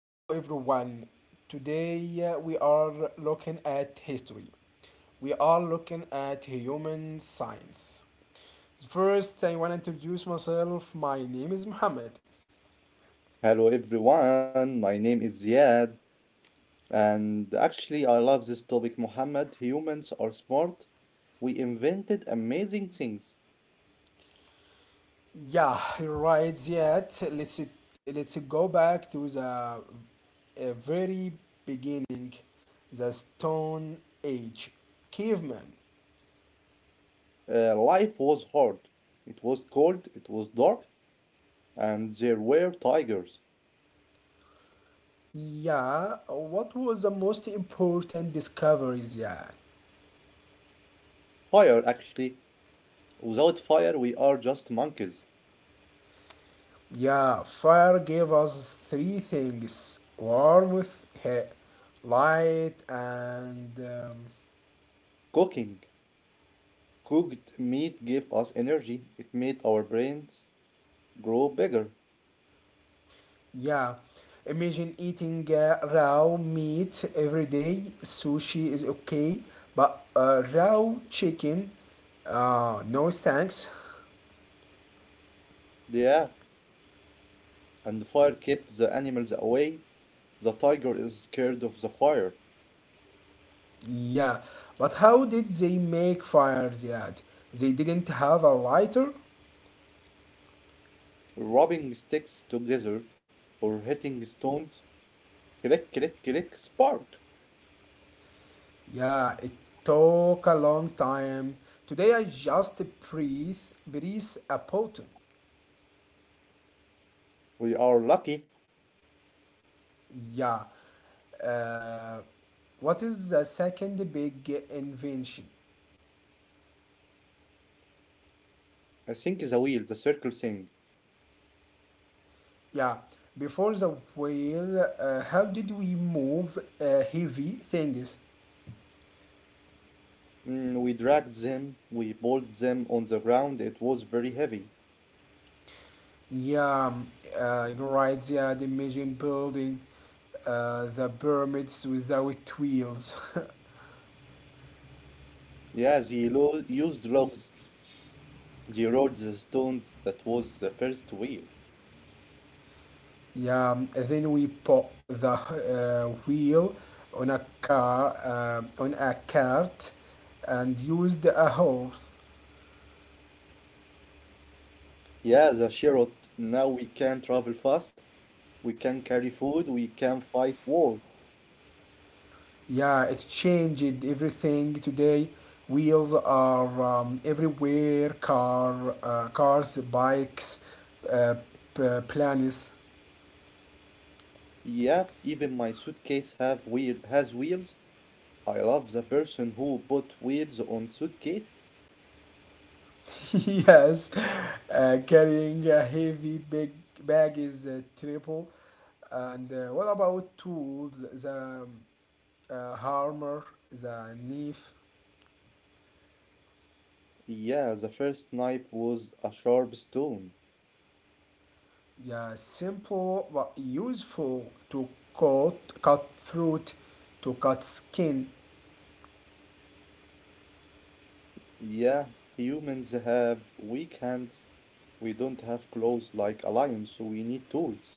hello everyone. Today we are looking at history. We are looking at human science. First, I want to introduce myself. My name is Muhammad. Hello everyone, my name is Ziad, and actually I love this topic, Muhammad. Humans are smart. We invented amazing things. Yeah, right. Yet, let's go back to the very beginning, the Stone Age, caveman. Life was hard. It was cold, it was dark, and there were tigers. Yeah, what was the most important discoveries yet? Fire, actually. Without fire, we are just monkeys. Yeah, fire gave us three things: warmth, light, and Cooking. Cooked meat gave us energy. It made our brains grow bigger. yeah. Imagine eating raw meat every day. Sushi is okay, but raw chicken, no thanks. Yeah, and fire kept the animals away. The tiger is scared of the fire. Yeah, but how did they make fire, Ziad? They didn't have a lighter? Rubbing sticks together or hitting stones. Click, click, click, spark. Yeah, it took a long time. Today I just breathe, breathe a potent. We are lucky. Yeah. Uh, what is the second big invention? I think the wheel, the circle thing. Yeah. Before the wheel, how did we move heavy things? We dragged them, we pulled them on the ground. It was very heavy. Yeah, um, you're right. Yeah, the Mayan building, the pyramids without wheels. Yeah, used logs. They rolled the stones. That was the first wheel. Yeah, then we put the wheel on a car on a cart and used a horse. Yeah, the chariot. Now we can travel fast. We can carry food. We can fight wars. Yeah, it changed everything today. Wheels are everywhere. Cars, bikes, uh, planes. Yeah, even my suitcase have wheel has wheels. I love the person who put wheels on suitcases. Yes, carrying a heavy big bag is a triple. And what about tools? The hammer, the knife, Yeah, the first knife was a sharp stone. yeah, simple but useful to cut cut fruit, to cut skin. Yeah, humans have weak hands. We don't have claws like a lion, so we need tools.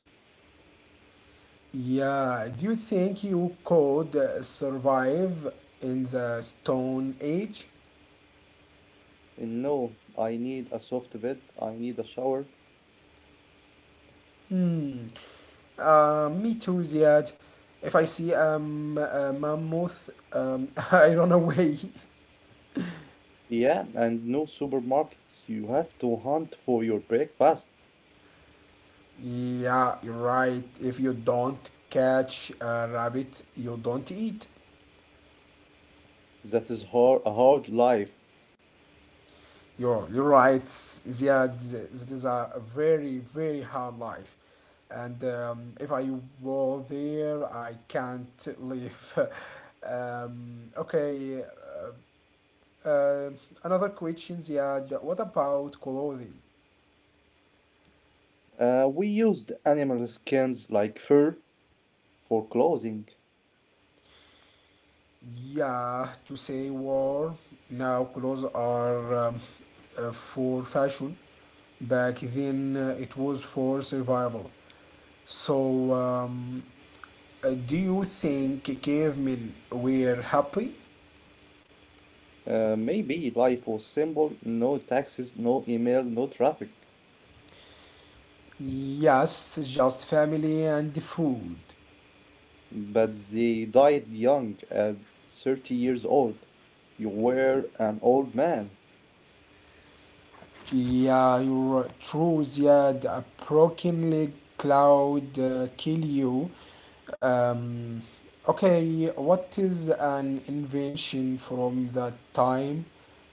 Yeah, do you think you could survive in the Stone Age? And no, I need a soft bed, I need a shower. Hmm. Me too, Ziad. If I see a mammoth, I run away. Yeah, and no supermarkets. You have to hunt for your breakfast. Yeah, you're right. If you don't catch a rabbit, you don't eat. That is hard, a hard life. You're right, Ziad. This is a very, very hard life. And if I were there, I can't leave. Okay, uh, uh, another question, Ziad. What about clothing? We used animal skins like fur for clothing. Yeah, to say war now clothes are for fashion. Back then it was for survival. So, um, do you think cavemen were happy? Maybe life was simple, no taxes, no email, no traffic. Yes, just family and food. But they died young at 30 years old. You were an old man. Yeah, you're true. Yeah, a broken leg cloud kill you. Um, okay, what is an invention from that time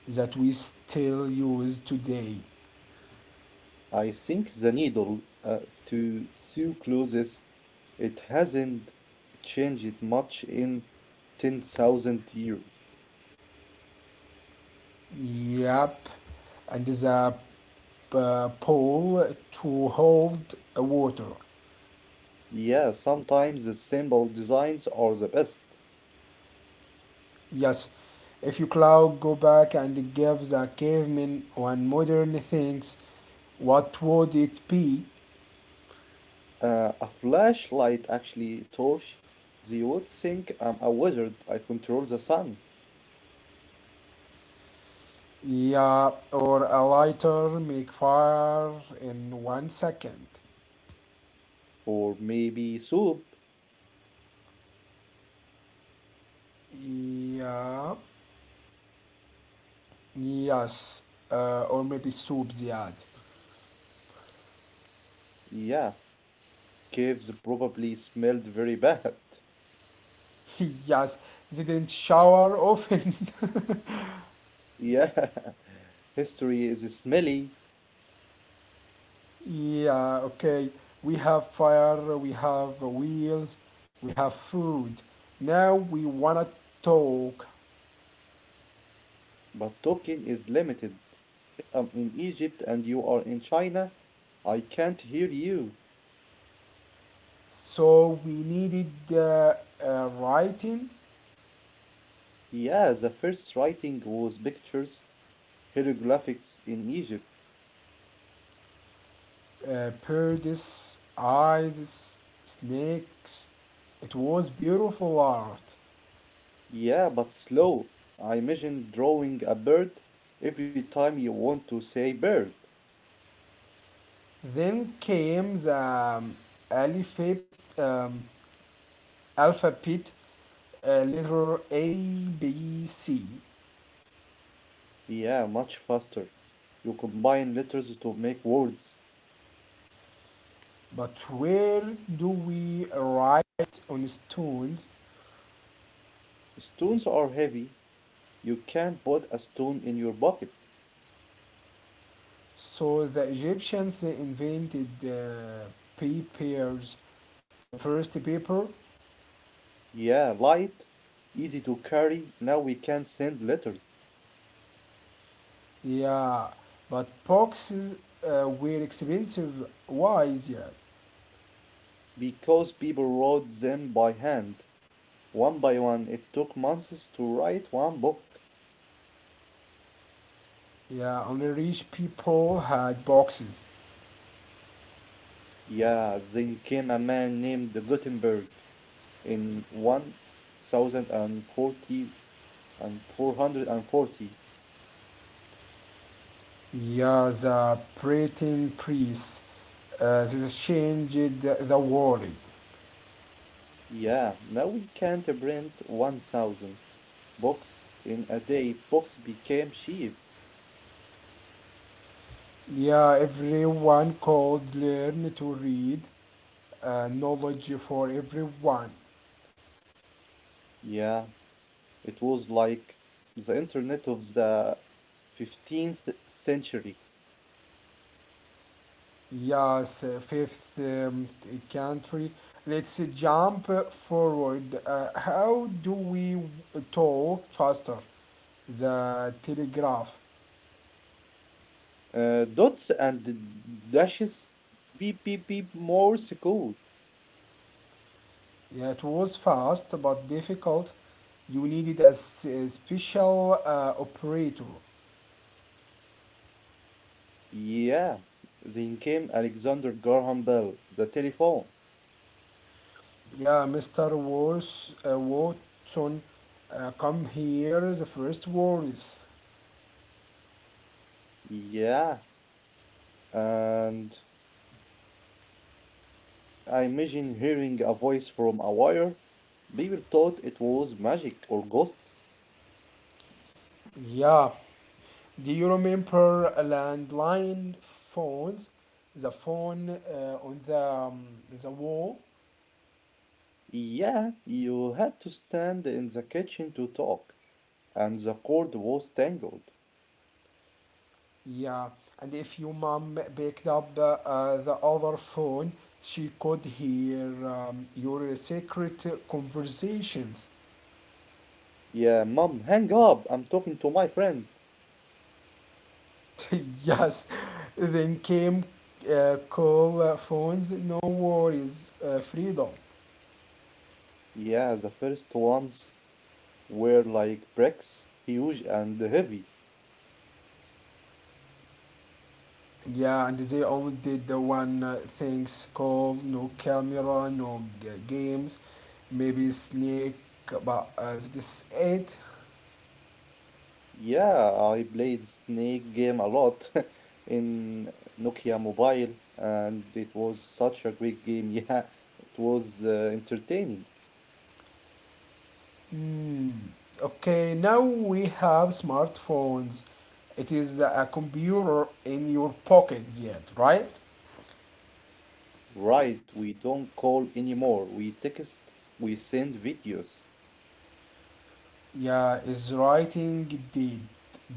that we still use today? I think the needle, uh, to sew clothes, it hasn't changed much in 10,000 years. Yep, and the pole to hold water. Yeah, sometimes the simple designs are the best. Yes, if you cloud go back and give the caveman one modern things, what would it be? A flashlight, actually torch. They would think I'm a wizard, I control the sun. Yeah, or a lighter make fire in 1 second. Or maybe soup. Yeah. Yes, or maybe soup, Ziad. Yeah, caves probably smelled very bad. Yes, they didn't shower often. Yeah, history is smelly, Yeah, okay. We have fire, we have wheels, we have food. Now we wanna talk. but talking is limited. If I'm in Egypt and you are in China, I can't hear you. So we needed writing, Yeah, the first writing was pictures, hieroglyphics in Egypt. Birds, eyes, snakes. It was beautiful art. Yeah, but slow. I imagine drawing a bird every time you want to say bird. Then came the alphabet. Um, alphabet letter A, B, C. Yeah, much faster. You combine letters to make words. But where do we write on stones? Stones are heavy. You can put a stone in your pocket. So the Egyptians invented papers, the first paper. Yeah, light, easy to carry. Now we can send letters. Yeah, but boxes were expensive. Why? Yeah, Because people wrote them by hand, one by one. It took months to write one book. yeah, only rich people had boxes. Yeah, then came a man named Gutenberg in 1040 and 440. Yeah, the Breton priests. This changed the world. Yeah, now we can't print 1000 books in a day. Books became cheap. Yeah, everyone could learn to read. Knowledge for everyone. Yeah, it was like the internet of the 15th century. Yes, fifth t- country. Let's jump forward. How do we talk faster? The telegraph. Dots and dashes, beep beep beep, Morse code. Yeah, it was fast but difficult. You needed s- a special operator. Yeah, then came Alexander Graham Bell, the telephone. Yeah, Mr. Watson, come here the first words. Yeah, and I imagine hearing a voice from a wire. People thought it was magic or ghosts. Yeah, do you remember landline phones? The phone on the wall? Yeah, you had to stand in the kitchen to talk, and the cord was tangled. Yeah, and if your mom picked up the other phone, she could hear your secret conversations. Yeah, mom, hang up. I'm talking to my friend. Yes, then came call phones, no worries, freedom. Yeah, the first ones were like bricks, huge and heavy. Yeah, and they only did the one things called no camera, no g- games, maybe snake, but that is it. Yeah, I played Snake game a lot in Nokia Mobile, and it was such a great game. Yeah, it was entertaining. Hmm. Okay, now we have smartphones. It is a computer in your pocket, yet, right? Right, we don't call anymore. We text, we send videos. Yeah, is writing did.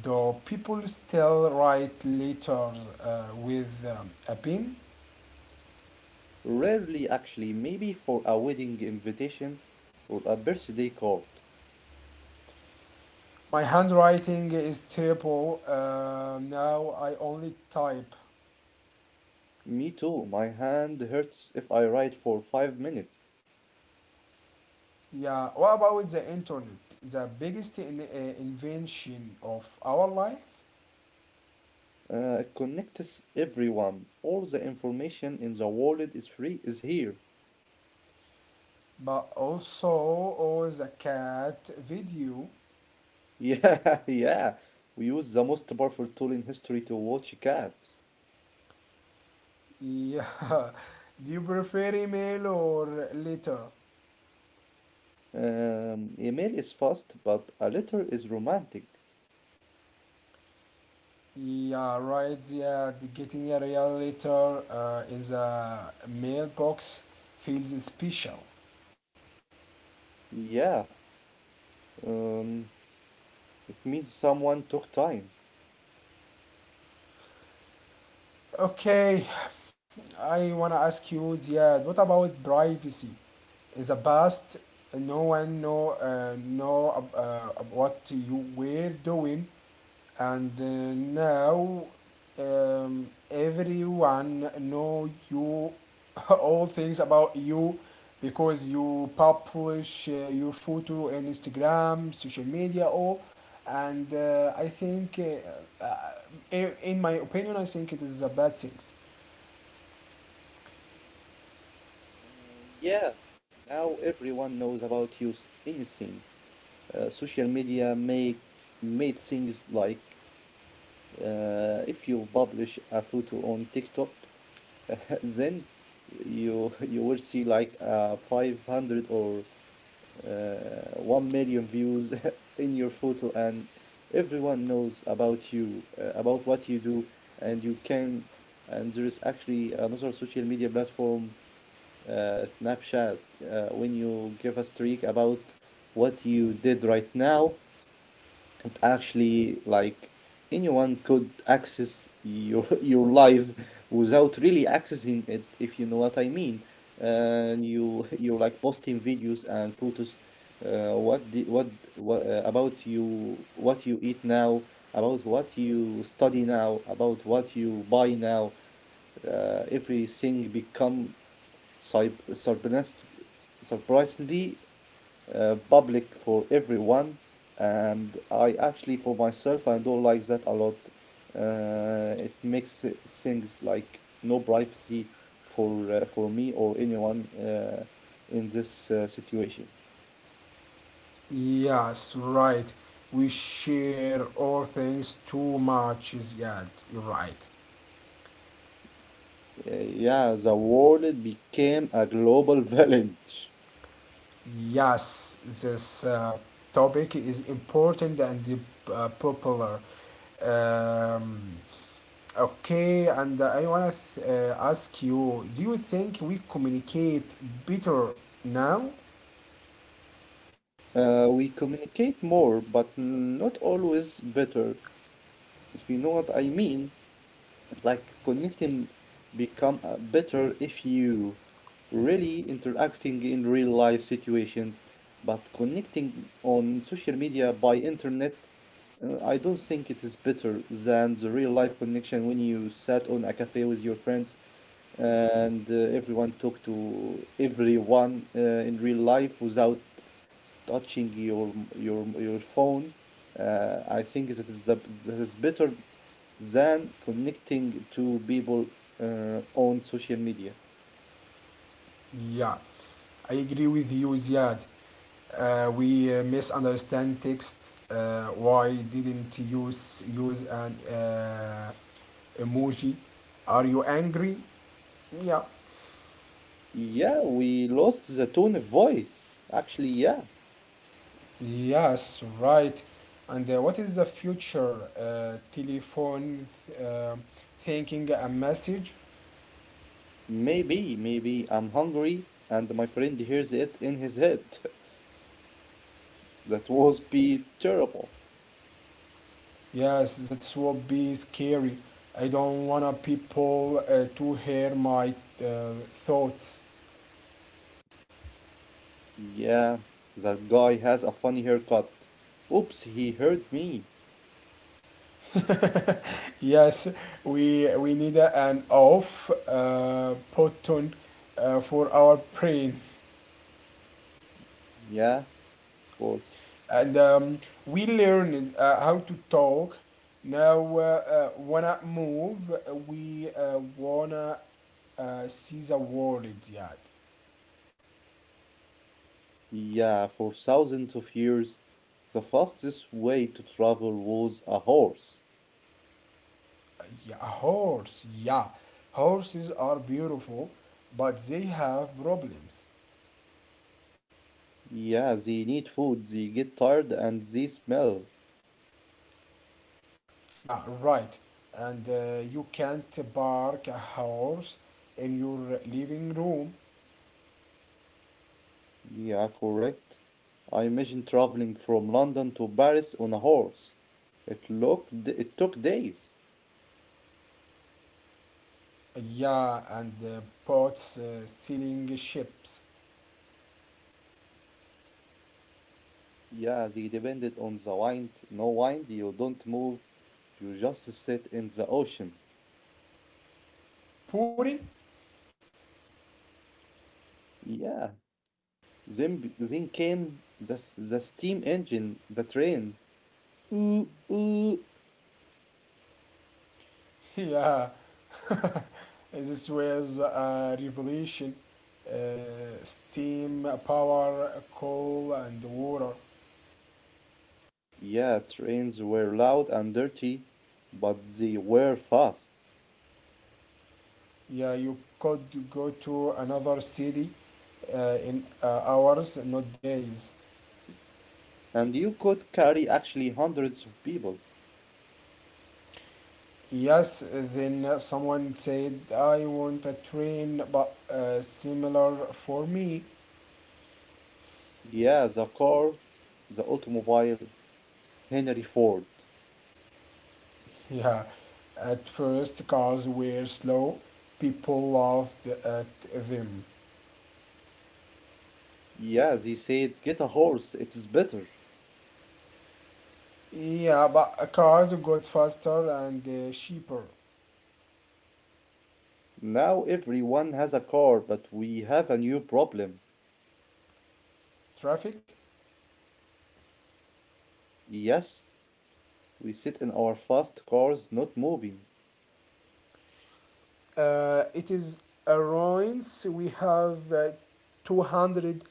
Though people still write letters with a pen. Rarely, actually, maybe for a wedding invitation or a birthday card. My handwriting is terrible. Now I only type. Me too. My hand hurts if I write for 5 minutes. Yeah, what about the internet? The biggest invention of our life, It connects everyone. All the information in the world is free is here. but also all the cat video. Yeah, yeah. We use the most powerful tool in history to watch cats. Yeah, do you prefer email or letter? Email is fast, but a letter is romantic. Yeah, right. Yeah, getting a real letter in the mailbox feels special. Yeah. Um, it means someone took time. Okay, I want to ask you, Ziad, what about privacy? In the past, no one know what you were doing and now um, everyone know you all things about you because you publish your photo in instagram social media all and I think in my opinion I think it is a bad thing. Yeah. Now everyone knows about you. Anything. Social media make made things like, if you publish a photo on TikTok, then you will see like 500 or 1 million views in your photo, and everyone knows about you, about what you do, and you can. And there is actually another social media platform, Snapchat, when you give a streak about what you did right now, and actually like anyone could access your your life without really accessing it, if you know what I mean. And you, you're like posting videos and photos, what did what about you, what you eat now, about what you study now, about what you buy now. Everything become surp- surprised surprisingly, public for everyone. And I actually, for myself, I don't like that a lot. It makes things like no privacy for me or anyone, in this situation. Yes, right, we share all things too much is, yeah, you're right. Yeah, the world became a global village. Yes, this topic is important and popular. Um, okay, and I want to ask you, do you think we communicate better now? We communicate more, but not always better, if you know what I mean. Like connecting become better if you really interacting in real life situations, but connecting on social media by internet, I don't think it is better than the real life connection when you sat on a cafe with your friends, and everyone talked to everyone in real life without touching your phone. I think that is better than connecting to people on social media. Yeah, I agree with you, Ziad. We misunderstand texts. Why didn't use an emoji? Are you angry? Yeah. Yeah, we lost the tone of voice, actually. Yeah, Yes, right. And what is the future? Telephone thinking a message? maybe I'm hungry and my friend hears it in his head. that was be terrible. Yes, that will be scary. I don't wanna people to hear my uh, thoughts. Yeah, that guy has a funny haircut. Oops, he heard me. Yes, we need an off button for our brain. Yeah, of course. And we learned how to talk. Now, wanna move, we wanna see the world. Yeah, Yeah, for thousands of years, the fastest way to travel was a horse. yeah, a horse. Yeah, horses are beautiful, but they have problems. Yeah, they need food, they get tired, and they smell. Yeah, right. And you can't park a horse in your living room. Yeah, correct. I imagine traveling from London to Paris on a horse. It took days. Yeah, and pots, selling chips, Yeah, they depended on the wind. No wind, you don't move, you just sit in the ocean. pudding. Yeah, then came the steam engine, the train. Mm-mm. Yeah, this was a revolution. Steam, power, coal, and water. Yeah, trains were loud and dirty, but they were fast. Yeah, you could go to another city in hours, not days. And you could carry actually hundreds of people. Yes, then someone said, I want a train, but similar for me. Yeah, the car, the automobile, Henry Ford. Yeah, at first cars were slow, people laughed at them. Yeah, they said, get a horse, it is better. Yeah, but cars got faster and cheaper. Now everyone has a car, but we have a new problem. Traffic. Yes, we sit in our fast cars, not moving. It is ruins. We have 200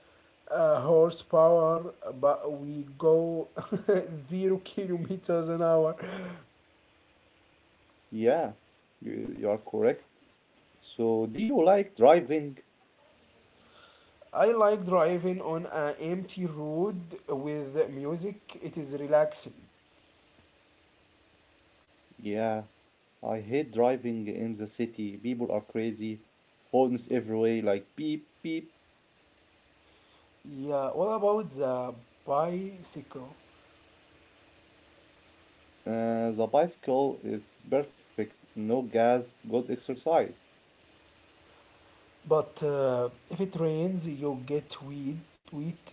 horsepower, but we go 0 kilometers an hour. Yeah, you are correct. So, do you like driving? I like driving on an empty road with music. It is relaxing. Yeah, I hate driving in the city. People are crazy, horns everywhere, like beep beep. Yeah. What about the bicycle? The bicycle is perfect. No gas, good exercise. But if it rains, you get wheat,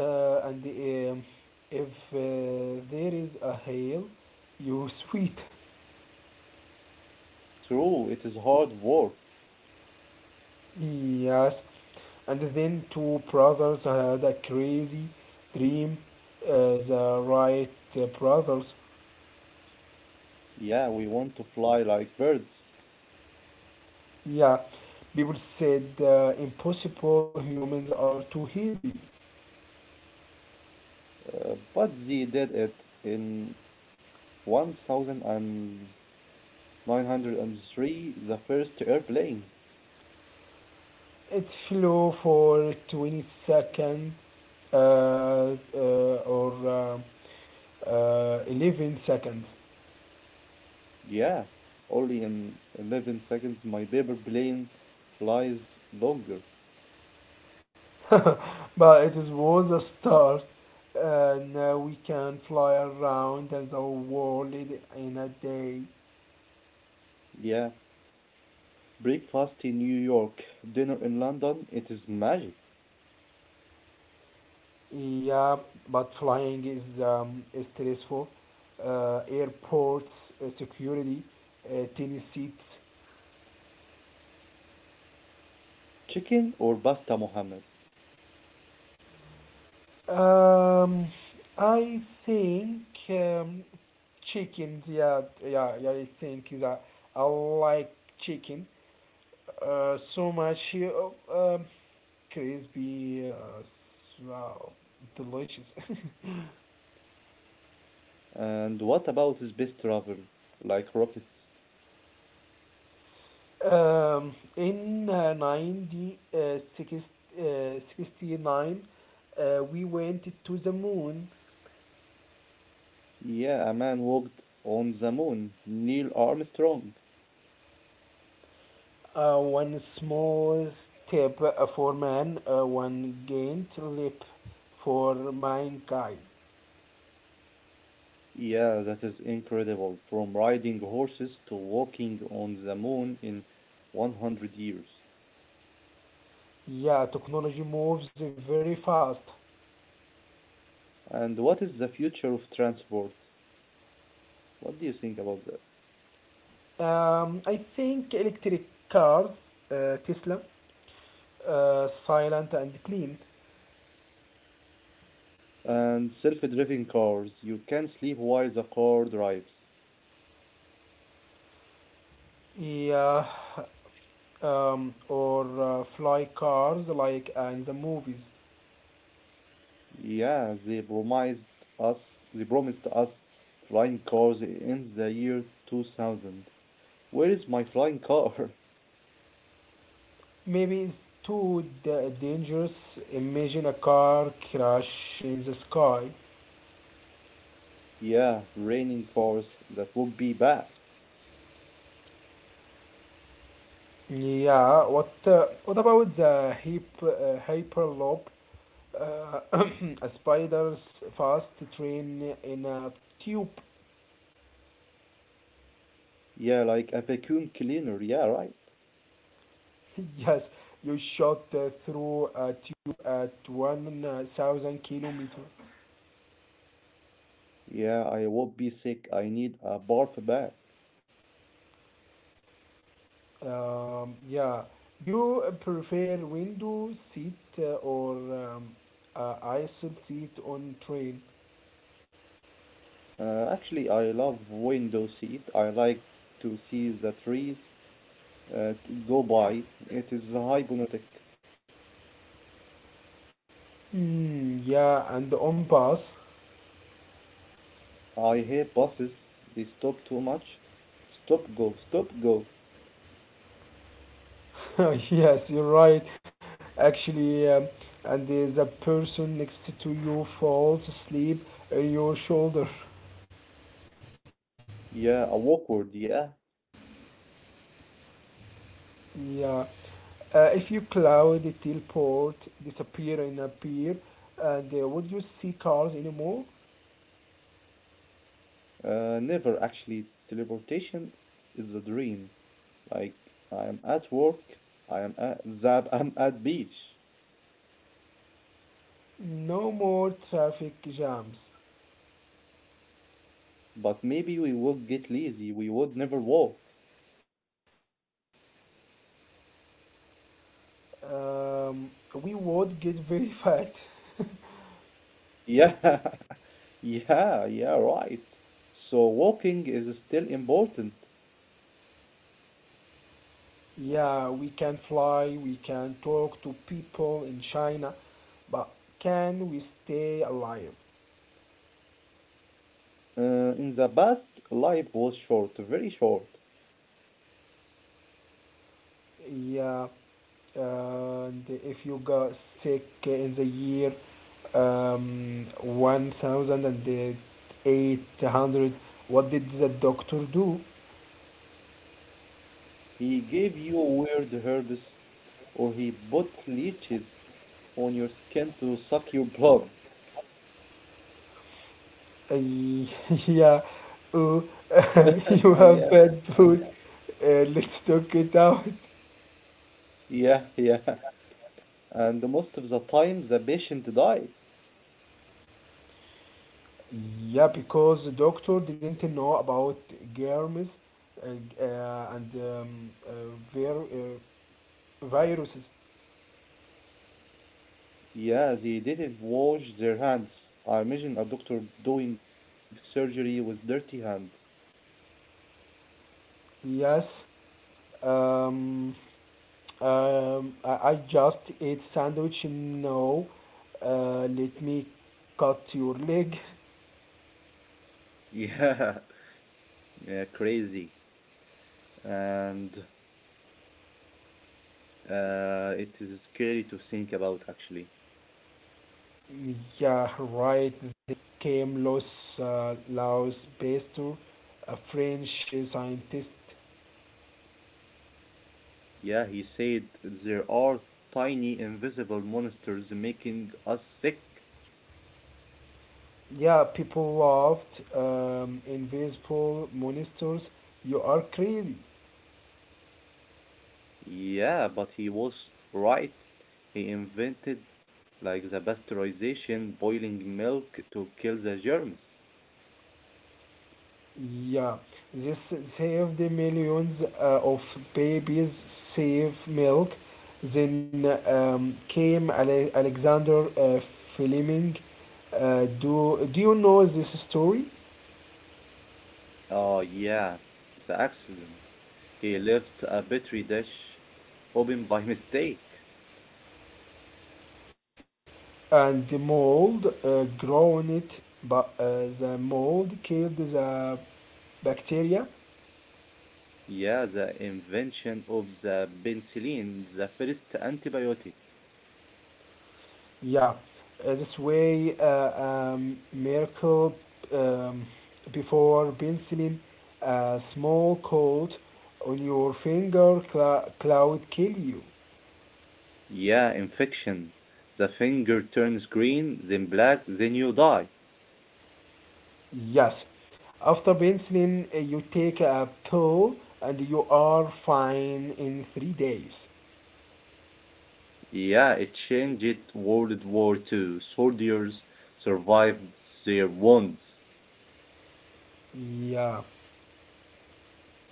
and if there is a hail, you sweat. True, it is hard work. Yes. And then two brothers had a crazy dream, uh, the Wright brothers. Yeah, we want to fly like birds. Yeah, people said impossible, humans are too heavy. But they did it in 1903, the first airplane. It flew for 20 seconds uh, or 11 seconds. Yeah, only in 11 seconds, my paper plane flies longer. Was a start. Now we can fly around the world in a day. Yeah, breakfast in New York, dinner in London, it is magic. Yeah, but flying is stressful. Airports, security, tennis seats. Chicken or pasta, Mohammed? Um, I think um, chickens. Yeah, yeah, yeah. I think is a, I like chicken. So much crispy, wow, delicious. And what about space travel? Like rockets? um, in 90, 60, 69, we went to the moon. Yeah, a man walked on the moon, Neil Armstrong. One small step for man, one giant leap for mankind. Yeah, that is incredible. From riding horses to walking on the moon in 100 years. Yeah, technology moves very fast. And what is the future of transport? What do you think about that? I think electric cars, Tesla, silent and clean. And self driving cars, you can sleep while the car drives. Yeah, or fly cars like in the movies. Yeah, they promised us flying cars in the year 2000. Where is my flying car? Maybe it's too da- dangerous. Imagine a car crash in the sky. Yeah, raining cars, that would be bad. Yeah, what about the hyperloop? Uh, a spider's fast train in a tube. Yeah, like a vacuum cleaner, yeah, right. Yes, you shot through a tube at 1,000 kilometers. Yeah, I would be sick, I need a barf bag. Yeah. Do you prefer window seat or aisle seat on train? Actually, I love window seat. I like to see the trees to go by. It is hypnotic. Hmm, yeah, and on bus. I hate buses. They stop too much. Stop, go, stop, go. Yes, you're right. Actually, and there's a person next to you falls asleep on your shoulder. Yeah, a awkward, yeah. Yeah. If you cloud the teleport, disappear and appear, and would you see cars anymore? Never actually. Teleportation is a dream. Like, I'm at work, I am at Zab, I'm at beach. No more traffic jams. But maybe we would get lazy, we would never walk. um, we would get very fat. Yeah, yeah, yeah, right. So, walking is still important. Yeah, we can fly, we can talk to people in China, but can we stay alive? In the past, life was short, very short. Yeah, and if you got sick in the year 1800, what did the doctor do? He gave you weird herbs, or he put leeches on your skin to suck your blood. Uh, yeah, uh, you Uh, have Yeah, bad food. Let's talk it out. yeah, yeah. And most of the time, the patient died. Yeah, because the doctor didn't know about germs uh, uh, and um, uh, vir- uh, viruses. Yeah, they didn't wash their hands. I imagine a doctor doing surgery with dirty hands. Yes, um, I just ate sandwich. No, let me cut your leg. Yeah, yeah, crazy. And it is scary to think about, actually. Yeah, right. Then came Los Laos Pasteur, a French scientist. Yeah, he said there are tiny invisible monsters making us sick. Yeah, people laughed. Invisible monsters, you are crazy. Yeah, but he was right. He invented like the pasteurization, boiling milk to kill the germs. Yeah, this saved the millions of babies, save milk. Then Alexander Fleming. Do you know this story? Oh, yeah, the accident. He left a petri dish open by mistake. And the mold grown it, but the mold killed the bacteria. Yeah, the invention of the penicillin, the first antibiotic. Yeah, miracle. um, before penciling a small coat on your finger, cla- cloud kill you. Yeah, infection. The finger turns green, then black, then you die. Yes, after penciling, you take a pill and you are fine in 3 days. Yeah, it changed World War Two. Soldiers survived their wounds. Yeah.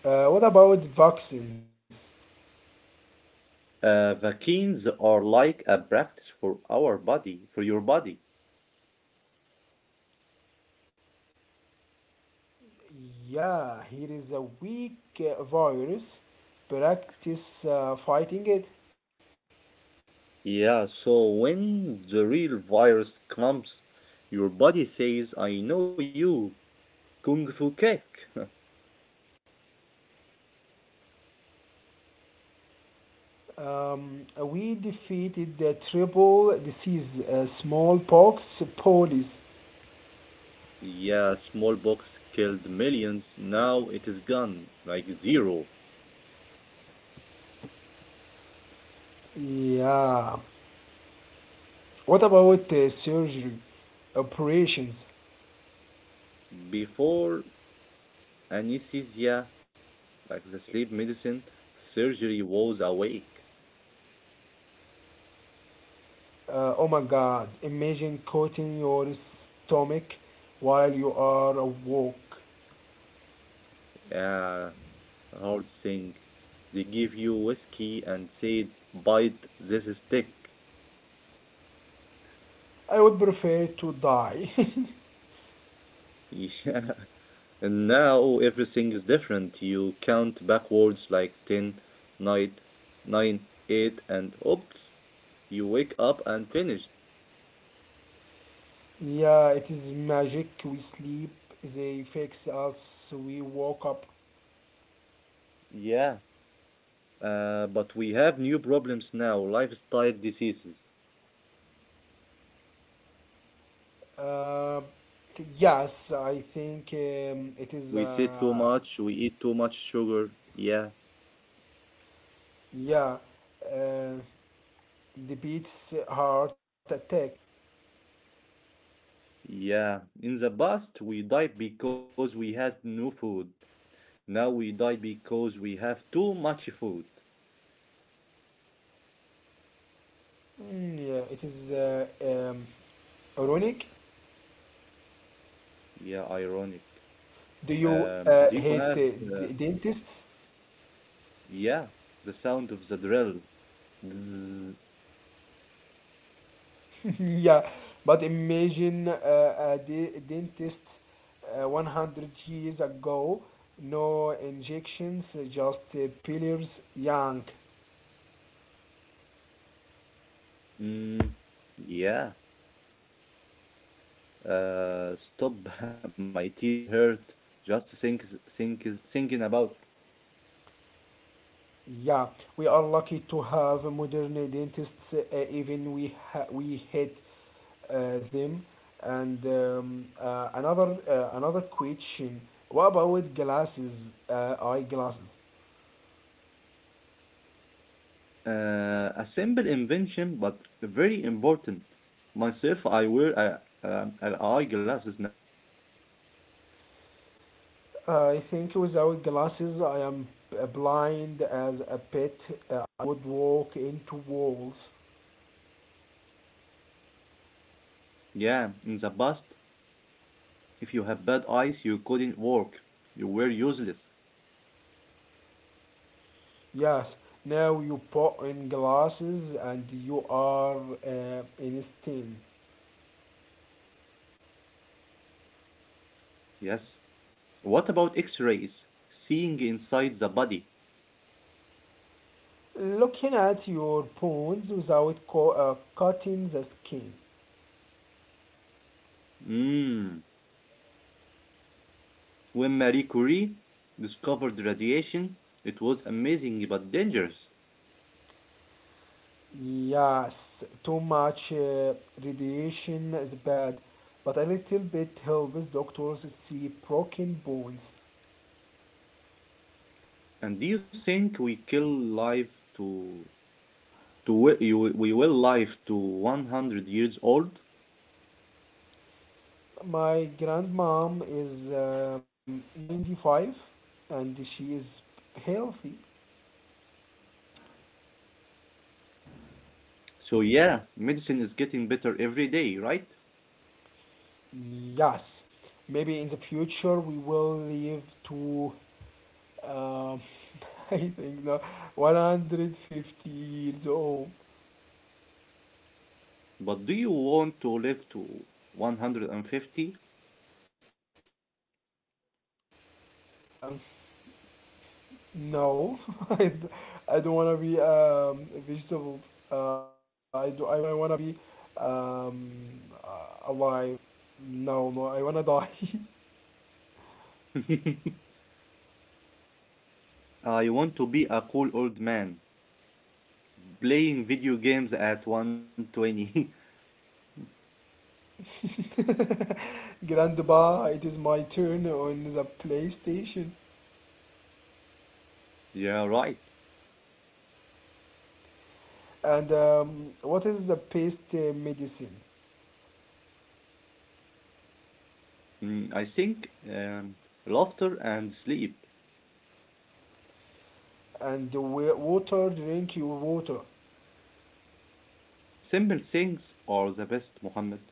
What about vaccines? Vaccines are like a practice for our body, for your body. Yeah, here is a weak virus. Practice fighting it. Yeah, so when the real virus comes, your body says, I know you, Kung Fu Cake. We defeated the triple disease, smallpox, police. Yeah, smallpox killed millions. Now it is gone, like zero. Yeah. What about surgery, operations? Before anesthesia, like the sleep medicine, surgery was awake. Oh my God! Imagine cutting your stomach while you are awoke. Yeah, hard thing. They give you whiskey and said, bite this stick. I would prefer to die. Yeah. And now everything is different. You count backwards like 10, 9, 9, 8, and oops, you wake up and finished. Yeah, it is magic. We sleep. They fix us. We woke up. Yeah. But we have new problems now, lifestyle diseases. Uh, yes, I think it is. We sit too much, we eat too much sugar. Yeah. Yeah, uh, the beats heart attack. Yeah, in the past we died because we had no food. Now we die because we have too much food. Yeah, it is ironic. Yeah, ironic. Do you Do you have, hate d- dentists? yeah, the sound of the drill? Zzz. Yeah, but imagine a de- dentist 100 years ago. No injections, just pillars. Young. Mm, yeah. Stop. My teeth hurt. Just thinking about Yeah, we are lucky to have modern dentists. Even we hate them. And another question: what about glasses? Eyeglasses. A simple invention, but very important. Myself, I wear an eyeglasses now. I think without glasses, I am b- blind as a pet. I would walk into walls. Yeah, in the past, if you have bad eyes, you couldn't work. You were useless. Yes. Now you put in glasses and you are instant. Yes. What about x rays? Seeing inside the body. Looking at your bones without cutting the skin. Mmm. When Marie Curie discovered radiation, it was amazing but dangerous. Yes, too much radiation is bad, but a little bit helps doctors see broken bones. And do you think we kill life to. to we will live to 100 years old? My grandmom is 95 and she is healthy. So, yeah, medicine is getting better every day, right? Yes, maybe in the future we will live to, um, I think, no, 150 years old. But do you want to live to 150? Um, No, I, d- I don't want to be vegetables. I do. I want. Don't I want to be um, alive? No, no. I wanna die. I want to be a cool old man playing video games at 120. Grandpa, it is my turn on the PlayStation. yeah, right. And what is the paste medicine? Mm, I think laughter and sleep. And the water. Drink your water. Simple things are the best, Mohammed.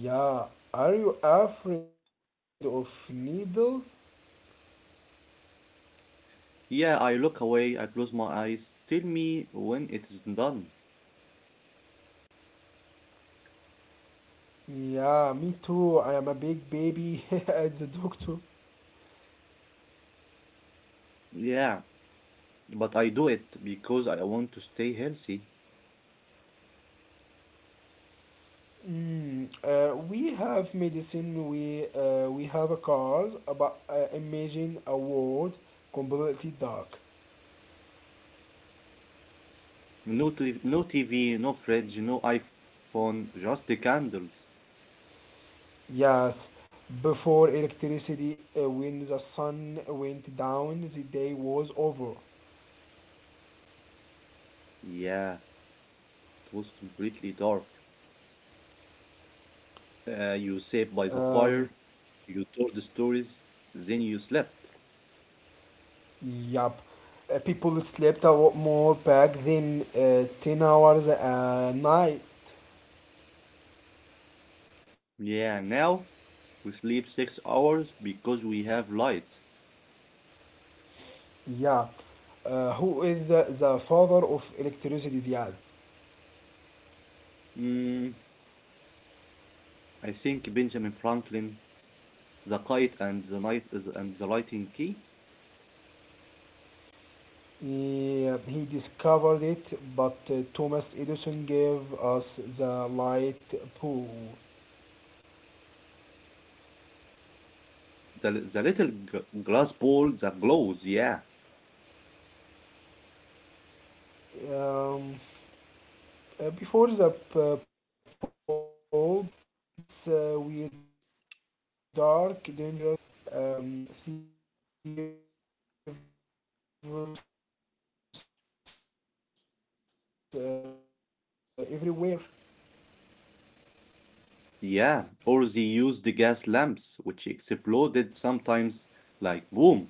Yeah. Are you afraid of needles? Yeah, I look away, I close my eyes. Tell me when it is done. Yeah, me too. I am a big baby at the doctor. Yeah, but I do it because I want to stay healthy. We have medicine, we have a cause, but imagine a world completely dark. No, no TV, no fridge, no iPhone, just the candles. Yes, before electricity, when the sun went down, the day was over. Yeah, it was completely dark. You sat by the Um, fire, you told stories, then you slept. yup. People slept a lot more back then, 10 hours a night. Yeah, now we sleep 6 hours because we have lights. Yeah. Who is the father of electricity, Ziad? Mm, I think Benjamin Franklin, the kite and the night and the lighting key, He discovered it, but Thomas Edison gave us the light bulb. the little glass ball that glows. Yeah, Um, before the bulb, streets were dark, dangerous, thieves everywhere. yeah. Or they used the gas lamps, which exploded sometimes like boom.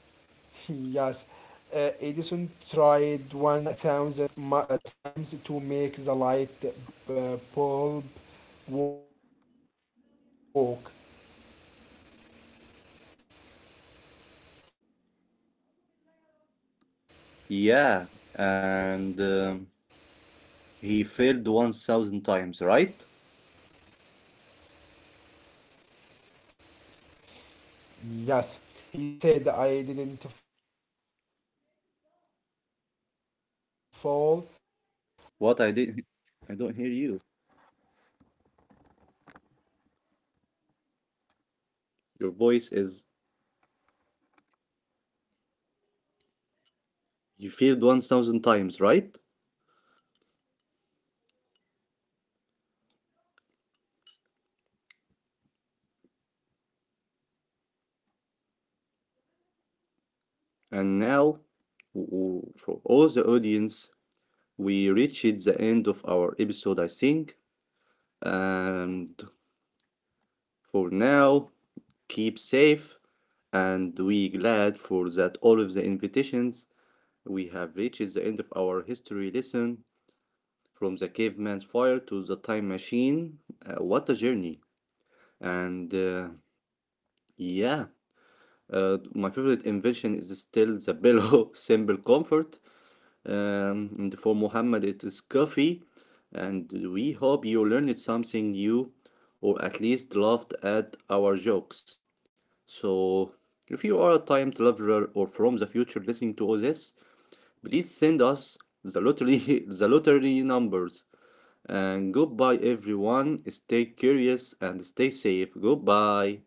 Yes, Edison tried 1,000 times to make the light bulb walk. Yeah, and he failed 1,000 times, right? Yes, he said I didn't fall. I found What one I did, hand, I don't I hear one you. thousand ways that don't work. Your voice is you failed 1,000 times, right? Um, then came Nikola Tesla, the genius. And now, for all the audience, we reached the end of our episode, I think. And Yep, for now, keep safe, and we glad for that all of the invitations. We have reached the end of our history lesson from the caveman's fire to the time machine. What a journey! And yeah. My favorite invention Kasiad. is still the pillow, simple comfort. And for Muhammad, it is coffee. And we hope you learned something new or at least laughed at our jokes. So, if you are a time traveler or from the future listening to all this, please send us the lottery, the lottery numbers. And goodbye, everyone. Stay curious and stay safe. Goodbye.